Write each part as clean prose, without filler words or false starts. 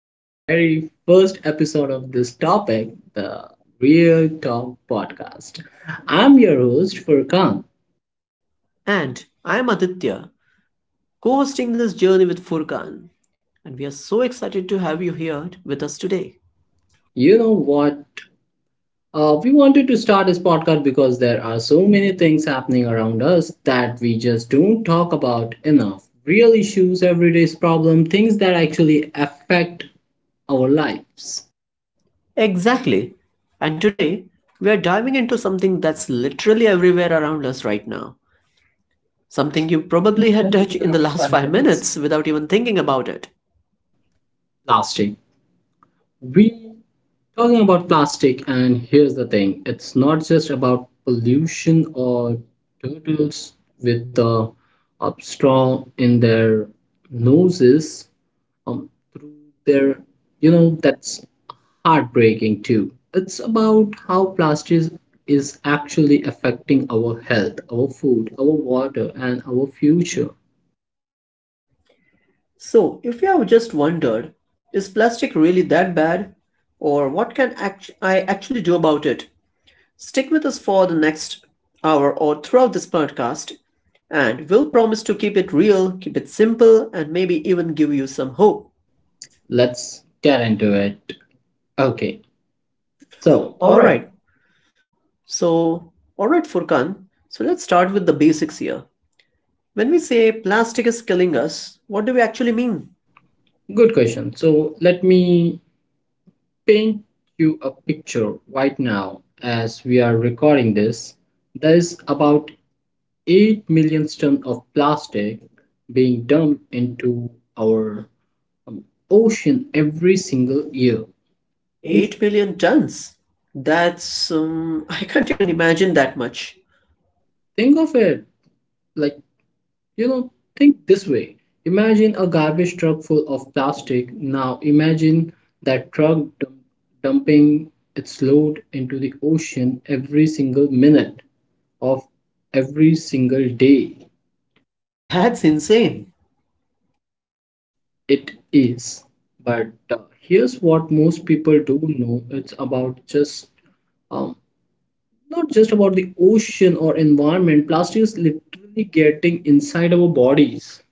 to very first episode of this topic, the Real Talk podcast. I'm your host Furkan. And I'm Aditya, co hosting this journey with Furkan. And we are so excited to have you here with us today. You know what? We wanted to start this podcast because there are so many things happening around us that we just don't talk about enough. Real issues, everyday's problem, things that actually affect our lives. Exactly. And today, we are diving into something that's literally everywhere around us right now. You Something you probably probably had had touched in the touched last five five minutes minutes without without even thinking about it. plastic we talking about plastic, and here's the thing, it's not just about pollution or turtles with the up straw in their noses, through their that's heartbreaking too. It's about how plastic is actually affecting our health, our food, our water, and our future. So, if you have just wondered, is plastic really that bad? Or I actually do about it? Stick with us for the next hour or throughout this podcast, and we'll promise to keep it real, keep it simple, and maybe even give you some hope. Let's get into it. Okay, so So, all All right. right. All right, Furkan. So, let's start with the basics here. When we say plastic is killing us, what do we actually mean? Good question. So let me paint you a picture. Right now, as we are recording this, there's about 8 million tons of plastic being dumped into our um, ocean every single year. Eight. 8 million tons? That's I can't even imagine that much. Think of it like, think this way. Imagine a garbage truck full of plastic. Now imagine that dumping its load into the ocean every single minute of every single day. That's insane. It is. But here's what most people don't know. It's um, not just about the ocean or environment, plastic is literally getting inside our bodies.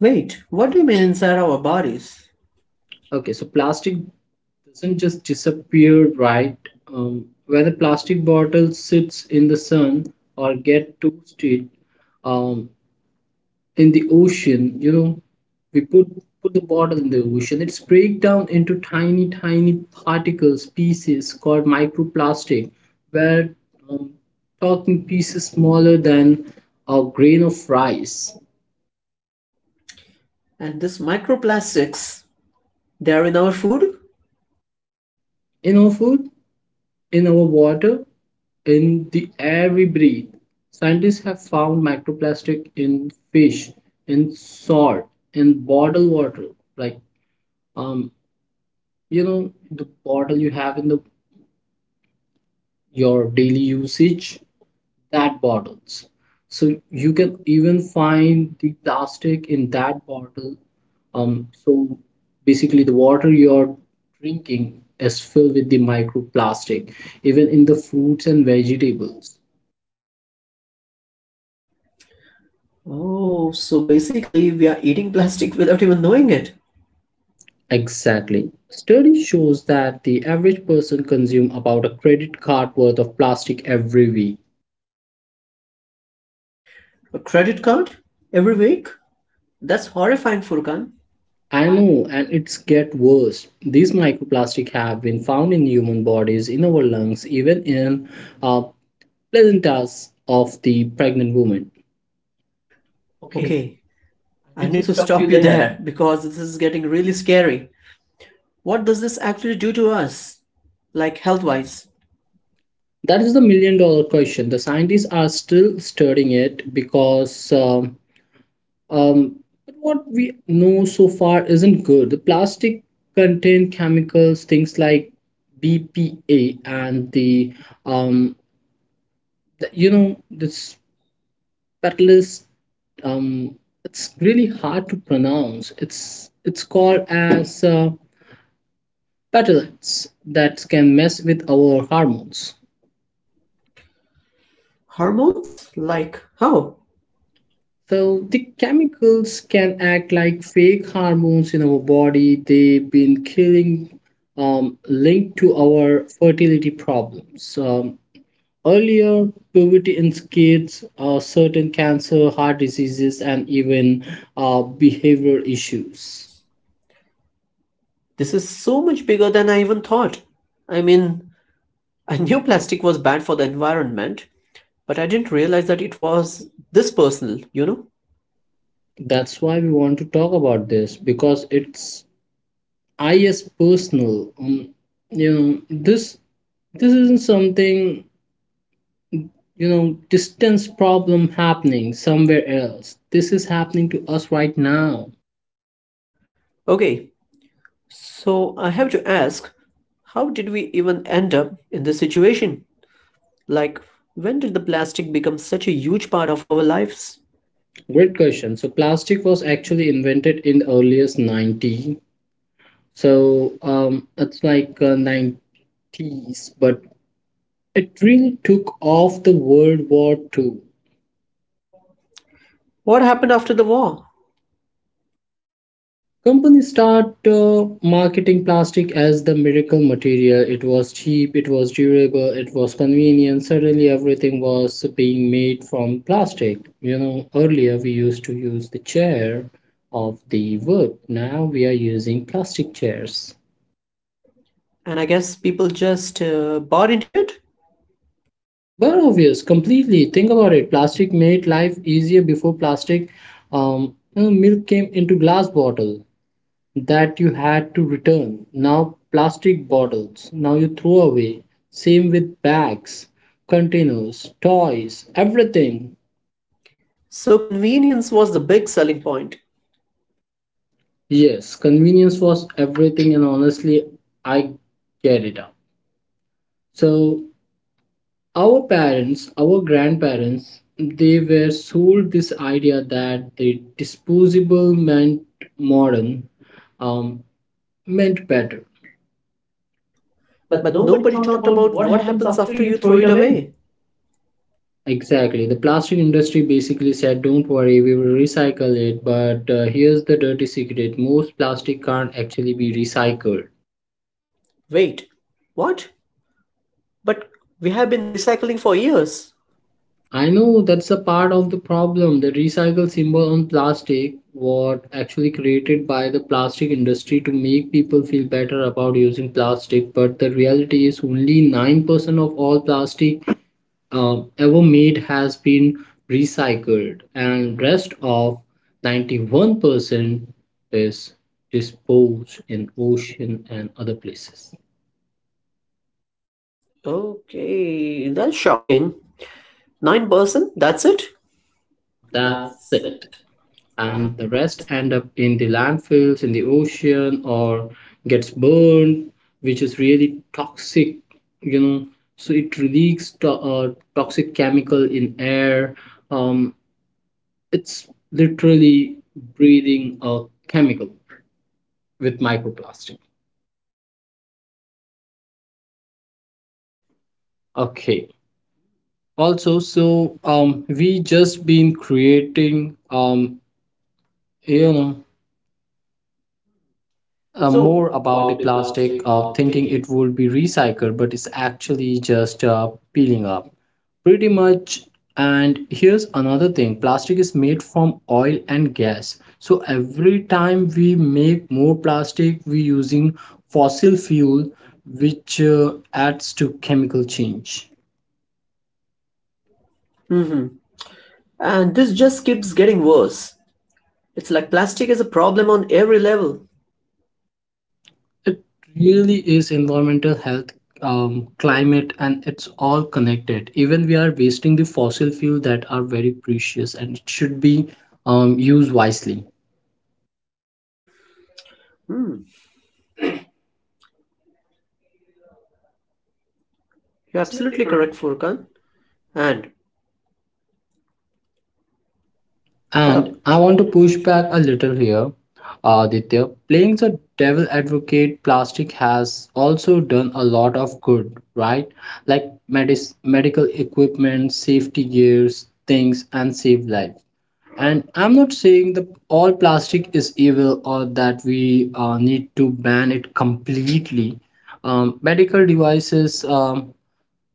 Wait, what do you mean inside our bodies? Okay, so plastic doesn't just disappear, right? When a plastic bottle sits in the sun or get toasted um, in the ocean, you know, we put the bottle in the ocean, it's break down into pieces called microplastic, where um, talking pieces smaller than a grain of rice. And this microplastics, they are in our food? You know, food, in our water, in the air we breathe. Scientists have found microplastic in fish, in salt, in bottled water. Like um, you know, the bottle you have in the your daily usage, that bottles. So you can even find the plastic in that bottle. So basically the water you're drinking is filled with the microplastic, even in the fruits and vegetables. Oh, so basically we are eating plastic without even knowing it. Exactly. Study shows that the average person consumes about a credit card worth of plastic every week. A credit card? Every week? That's horrifying, Furkan. I know, and it's get worse. These microplastics have been found in human bodies, in our lungs, even in uh, placentas of the pregnant woman. Okay, I need to stop you there because this is getting really scary. What does this actually do to us? Like, health wise? That is the million-dollar question. The scientists are still studying it because but what we know so far isn't good. The plastic contain chemicals, things like BPA and um, the you know, this catalyst. Um, it's really hard to pronounce. It's called as petalates that can mess with our hormones. Hormones? Like, how? So the chemicals can act like fake hormones in our body. Linked to our fertility problems. Earlier puberty in kids, certain cancer, heart diseases, and even behavioral issues. This is so much bigger than I even thought. I mean, I knew plastic was bad for the environment, but I didn't realize that it was this personal, you know? That's why we want to talk about this, because it's I is personal. You know this this isn't something, distance problem happening somewhere else. This is happening to us right now. Okay, so I have to ask, how did we even end up in this situation? Like, when did the plastic become such a huge part of our lives? Great question. So plastic was actually invented in the earliest 90, so it's like 90s, but it really took off the world war Two. What happened after the war? Companies start marketing plastic as the miracle material. It was cheap, it was durable, it was convenient. Suddenly, everything was being made from plastic. You know, earlier we used to use the chair of the wood. Now we are using plastic chairs. And I guess people just bought into it? Well, obvious, completely. Think about it. Plastic made life easier. Before plastic, you know, milk came into glass bottle that you had to return. Now, plastic bottles, now you throw away. Same with bags, containers, toys, everything. So convenience was the big selling point. Yes, convenience was everything, and honestly, I get it up. So our parents, our grandparents, they were sold this idea that the disposable meant modern, um, meant better. But nobody talked about what happens after you throw it away. Exactly. The plastic industry basically said, don't worry, we will recycle it. But here's the dirty secret: most plastic can't actually be recycled. Wait, what? But we have been recycling for years. I know, that's a part of the problem. The recycle symbol on plastic was actually created by the plastic industry to make people feel better about using plastic. But the reality is only 9% of all plastic ever made has been recycled, and rest of 91% is disposed in ocean and other places. Okay, that's shocking. 9%? That's it? That's That's it. it. And And the the rest rest end up in the landfills, in the ocean, or gets burned, which is really toxic. You know, so it releases toxic chemical in air. um, it's literally breathing a chemical with microplastic. Okay, also, so we just been creating you know more more about the about the plastic, plastic thinking thinking. it would be recycled, but it's actually just peeling up. Pretty much. And here's another thing: plastic is made from oil and gas, so every time we make more plastic, we using fossil fuel, which adds to chemical change. And this just keeps getting worse. It's like plastic is a problem on every level. It really is environmental, health, climate, and it's all connected. Even we are wasting the fossil fuel that are very precious and it should be used wisely. You're absolutely correct, Furkan. And ta- And And I I want to want to push push back a back. little here, Aditya. Playing the devil advocate, plastic has also done a lot of good, right? Like medical equipment, safety gears, things, and save lives. And I'm not saying that all plastic is evil or that we need to ban it completely. Medical devices,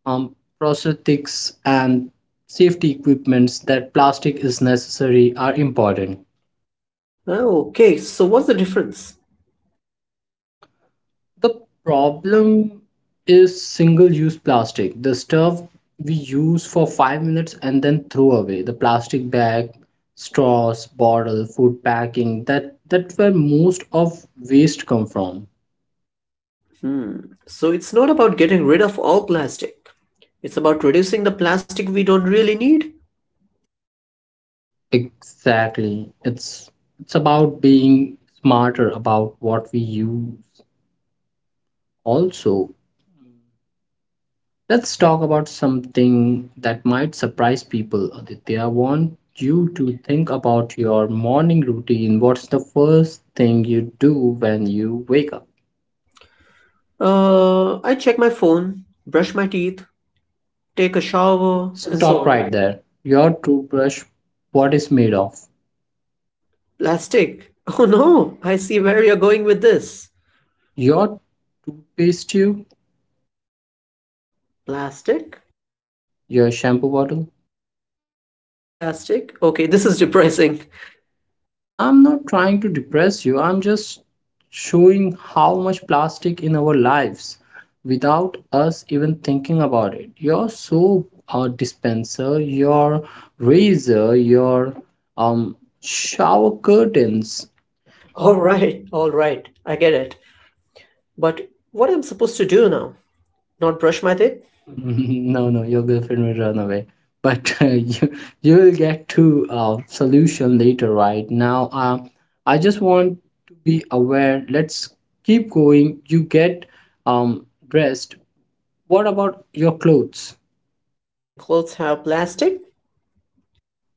um, prosthetics and safety equipments, that plastic is necessary, are important. Oh, okay, so what's the difference? The problem is single use plastic, the stuff we use for 5 minutes and then throw away: the plastic bag, straws, bottle, food packing, that that's where most of waste come from. Hmm. So it's not about getting rid of all plastic. It's about reducing the plastic we don't really need. Exactly. It's about being smarter about what we use. Also, let's talk about something that might surprise people. Aditya, I want you to think about your morning routine. What's the first thing you do when you wake up? I check my phone, brush my teeth, take a shower, So and so stop Stop on. right Right. there. Your toothbrush, what is made of? Plastic. Oh no, I see where you're going with this. Your toothpaste tube? Plastic? Your shampoo bottle? Plastic. Okay, this is depressing. I'm not trying to depress you. I'm just showing how much plastic in our lives without us even thinking about it. Your soap dispenser, your razor, your shower curtains. All right, all right. I get it. But what am I supposed to do now? Not brush my teeth? No, no, your girlfriend will run away. But you you will get to solution later, right? Now, I just want to be aware. Let's keep going. You get dressed. What about your clothes? My clothes have plastic?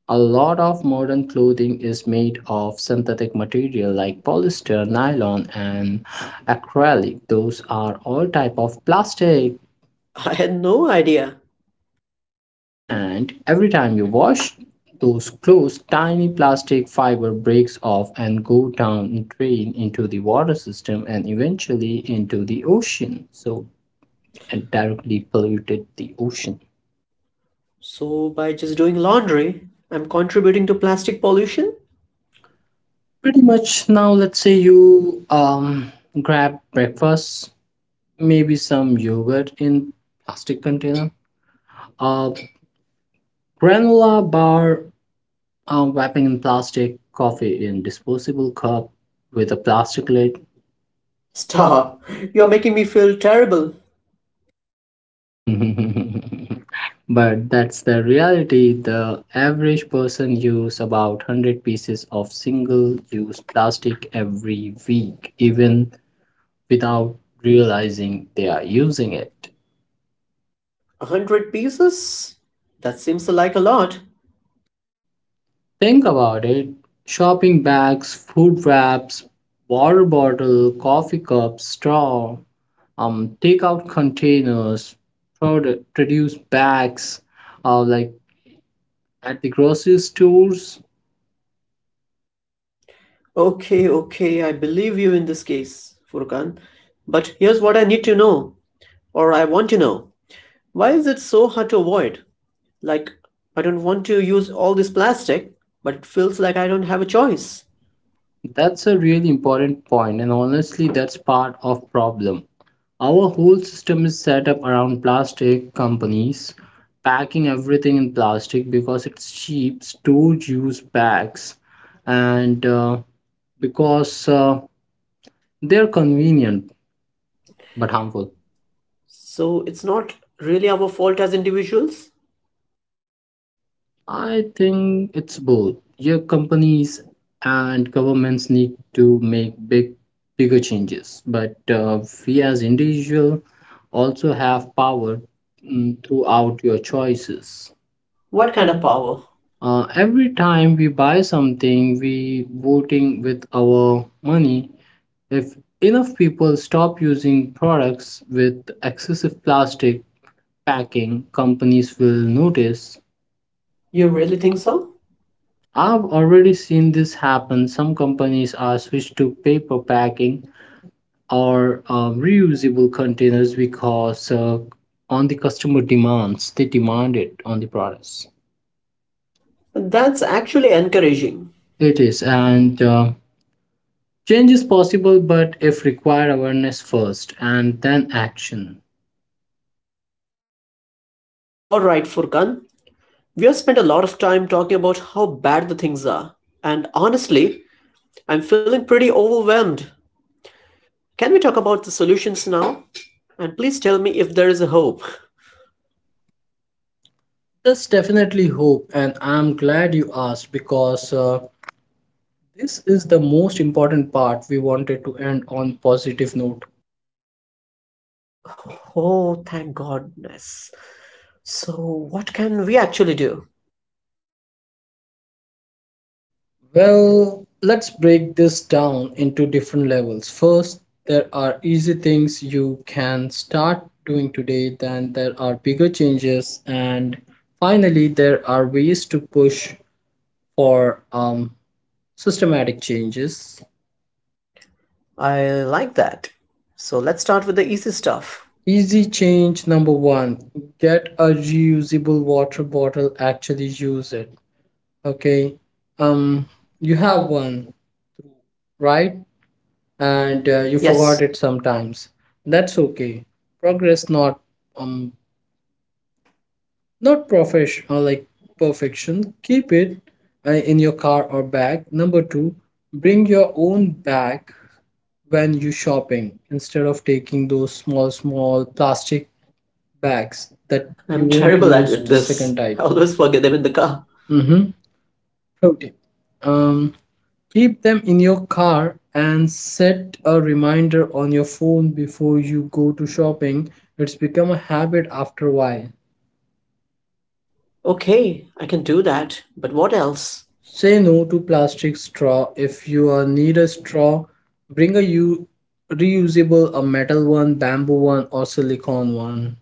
A lot of modern clothing is made of synthetic material like polyester, nylon and acrylic. Those are all type of plastic, I had no idea. and every time you wash those clothes, tiny plastic fiber breaks off and go down drain into the water system and eventually into the ocean. So it directly polluted the ocean. So by just doing laundry, I'm contributing to plastic pollution? Pretty much. Now let's say you grab breakfast, maybe some yogurt in plastic container, a granola bar wrapping in plastic, coffee in disposable cup with a plastic lid. Stop. You're making me feel terrible. But that's the reality: the average person use about 100 pieces of single use plastic every week, even without realizing they are A using it. hundred pieces? That seems like a lot. Think about it: shopping bags, food wraps, water bottle, coffee cups, straw, takeout containers, product, produce bags, like at the grocery stores. Okay, okay, I believe you in this case, Furkan. But here's what I need to know, or I want to know. Why is it so hard to avoid? Like, I don't want to use all this plastic, but it feels like I don't have a choice. That's a really important point, and honestly, that's part of problem. Our whole system is set up around plastic. Companies packing everything in plastic because it's cheap. Stores use bags, and because they're convenient but But harmful. harmful. So it's not really our fault as individuals? I think it's both. Your companies and governments need to make bigger changes, but we as individual also have power throughout your choices. What kind of power? Uh, Every time we buy something, we voting with our money. If enough people stop using products with excessive plastic packing, companies will notice. You really think so? I've already seen this happen. Some companies are switched to paper packing or reusable containers because on the customer demands, they demand it on the products. That's actually encouraging. It It is, is, and and change is possible, but if required, awareness first and then action. alright, Furkan. We have spent a lot of time talking about how bad the things are. And honestly, I'm feeling pretty overwhelmed. Can we talk about the solutions now? And please tell me if there is a hope. That's definitely hope, and I'm glad you asked, because this is the most important part. We wanted to end on positive note. Oh, thank goodness. So, what can we actually do? Well, let's break this down into different levels. First, there are easy things you can start doing today, then there are bigger changes, and finally, there are ways to push for systematic changes. I like that. So, let's start with the easy stuff. Easy change number one: get a reusable water bottle, actually use it. Okay, um, Um, you you have have one, right? And and you you, yes, forgot it sometimes, that's okay. Progress, not um professional, like perfection. Keep it in your car or bag. Number 2: bring your own bag when you shopping, instead of taking those small plastic bags that you I'm won't terrible at use it- the this. second time. I always forget them in the car. Mm-hmm. Okay, um keep them in your car and set a reminder on your phone before you go to shopping. It's become a habit after a while. Okay, I can do that. But what else? Say no to plastic straw. If you need a straw, bring a reusable, a metal one, bamboo one, or silicone one.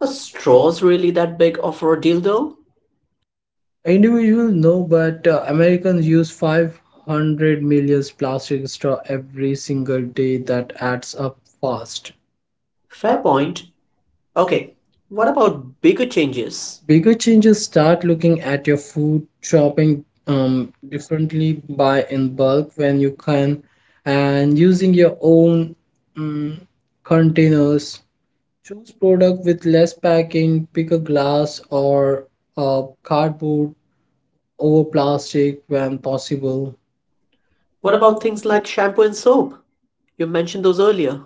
A straw's really that big of a deal though? Individual, no, but Americans use 500 million plastic straw every single day. That adds up fast. Fair point. Okay, what about bigger changes? Bigger changes: start looking at your food shopping differently. Buy in bulk when you can, and using your own um, containers. Choose product with less packing. Pick a glass or cardboard over plastic when possible. What about things like shampoo and soap? You mentioned those earlier.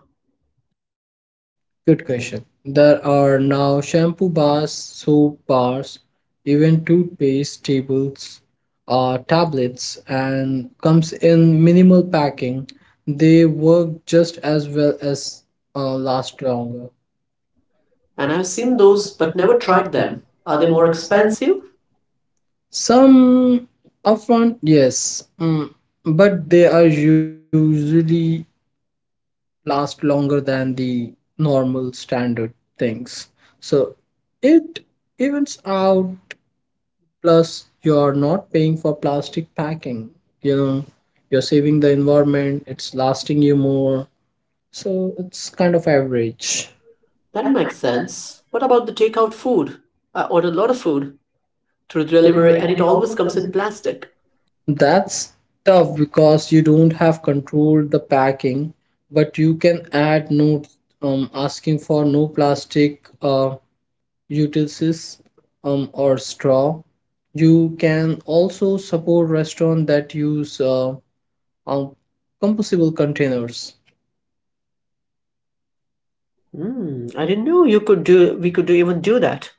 Good question. There are now shampoo bars, soap bars, even tablets, and comes in minimal packing. They work just as well as last longer. And I've seen those but never tried them. Are they more expensive? Some upfront, yes, but they are usually last longer than the normal standard things. So it evens out. Plus, you're not paying for plastic packing. You know, you're saving the environment, it's lasting you more. So it's kind of average. That makes sense. What about the takeout food? I order a lot of food through delivery and it always comes in plastic. That's tough because you don't have control the packing, but you can add notes asking for no plastic utensils or straw. You can also support restaurants that use um, compostable containers. Hmm, I didn't know you could do we could do even do that.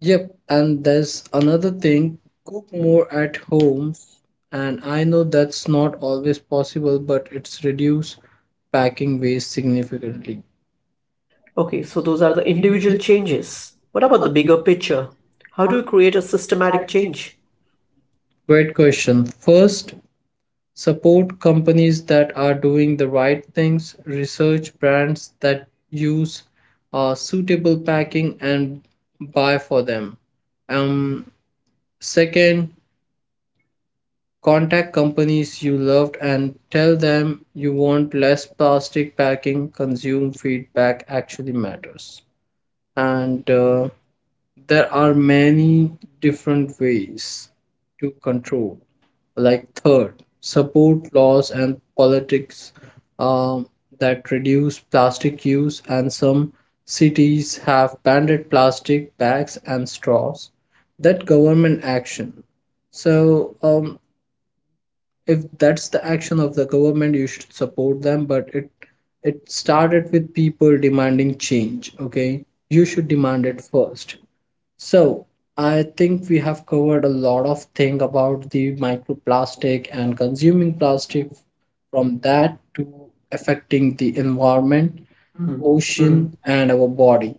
Yep, and there's another thing: cook more at home. And I know that's not always possible, but it's reduce packing waste significantly. Okay, so those are the individual changes. What about the bigger picture? How do you create a systematic change? Great question. First, support companies that are doing the right things. Research brands that use suitable packing and buy for them. Um, Second, contact companies you loved and tell them you want less plastic packing. Consumer feedback actually matters. And there are many different ways to control. Like, third, support laws and politics um, that reduce plastic use, and some cities have banned plastic bags and straws. That government action. So, if that's the action of the government, you should support them, but it started with people demanding change. Okay, you should demand it first. So I think we have covered a lot of thing about the microplastic and consuming plastic, from that to affecting the environment, Hmm. ocean Hmm. and our body.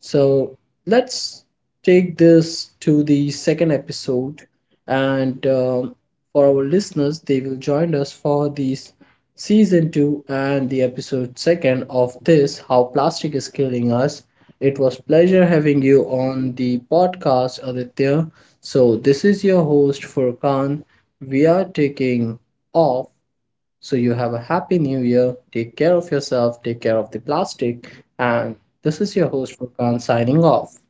So let's take this to the second episode, and for our listeners, they will join us for this season 2 and the episode second of this how plastic is killing us. It was pleasure having you on the podcast, Aditya. So this is your host Furkan. We are taking off, so you have a happy new year. Take care of yourself, take care of the plastic. And this is your host, Furkan, signing off.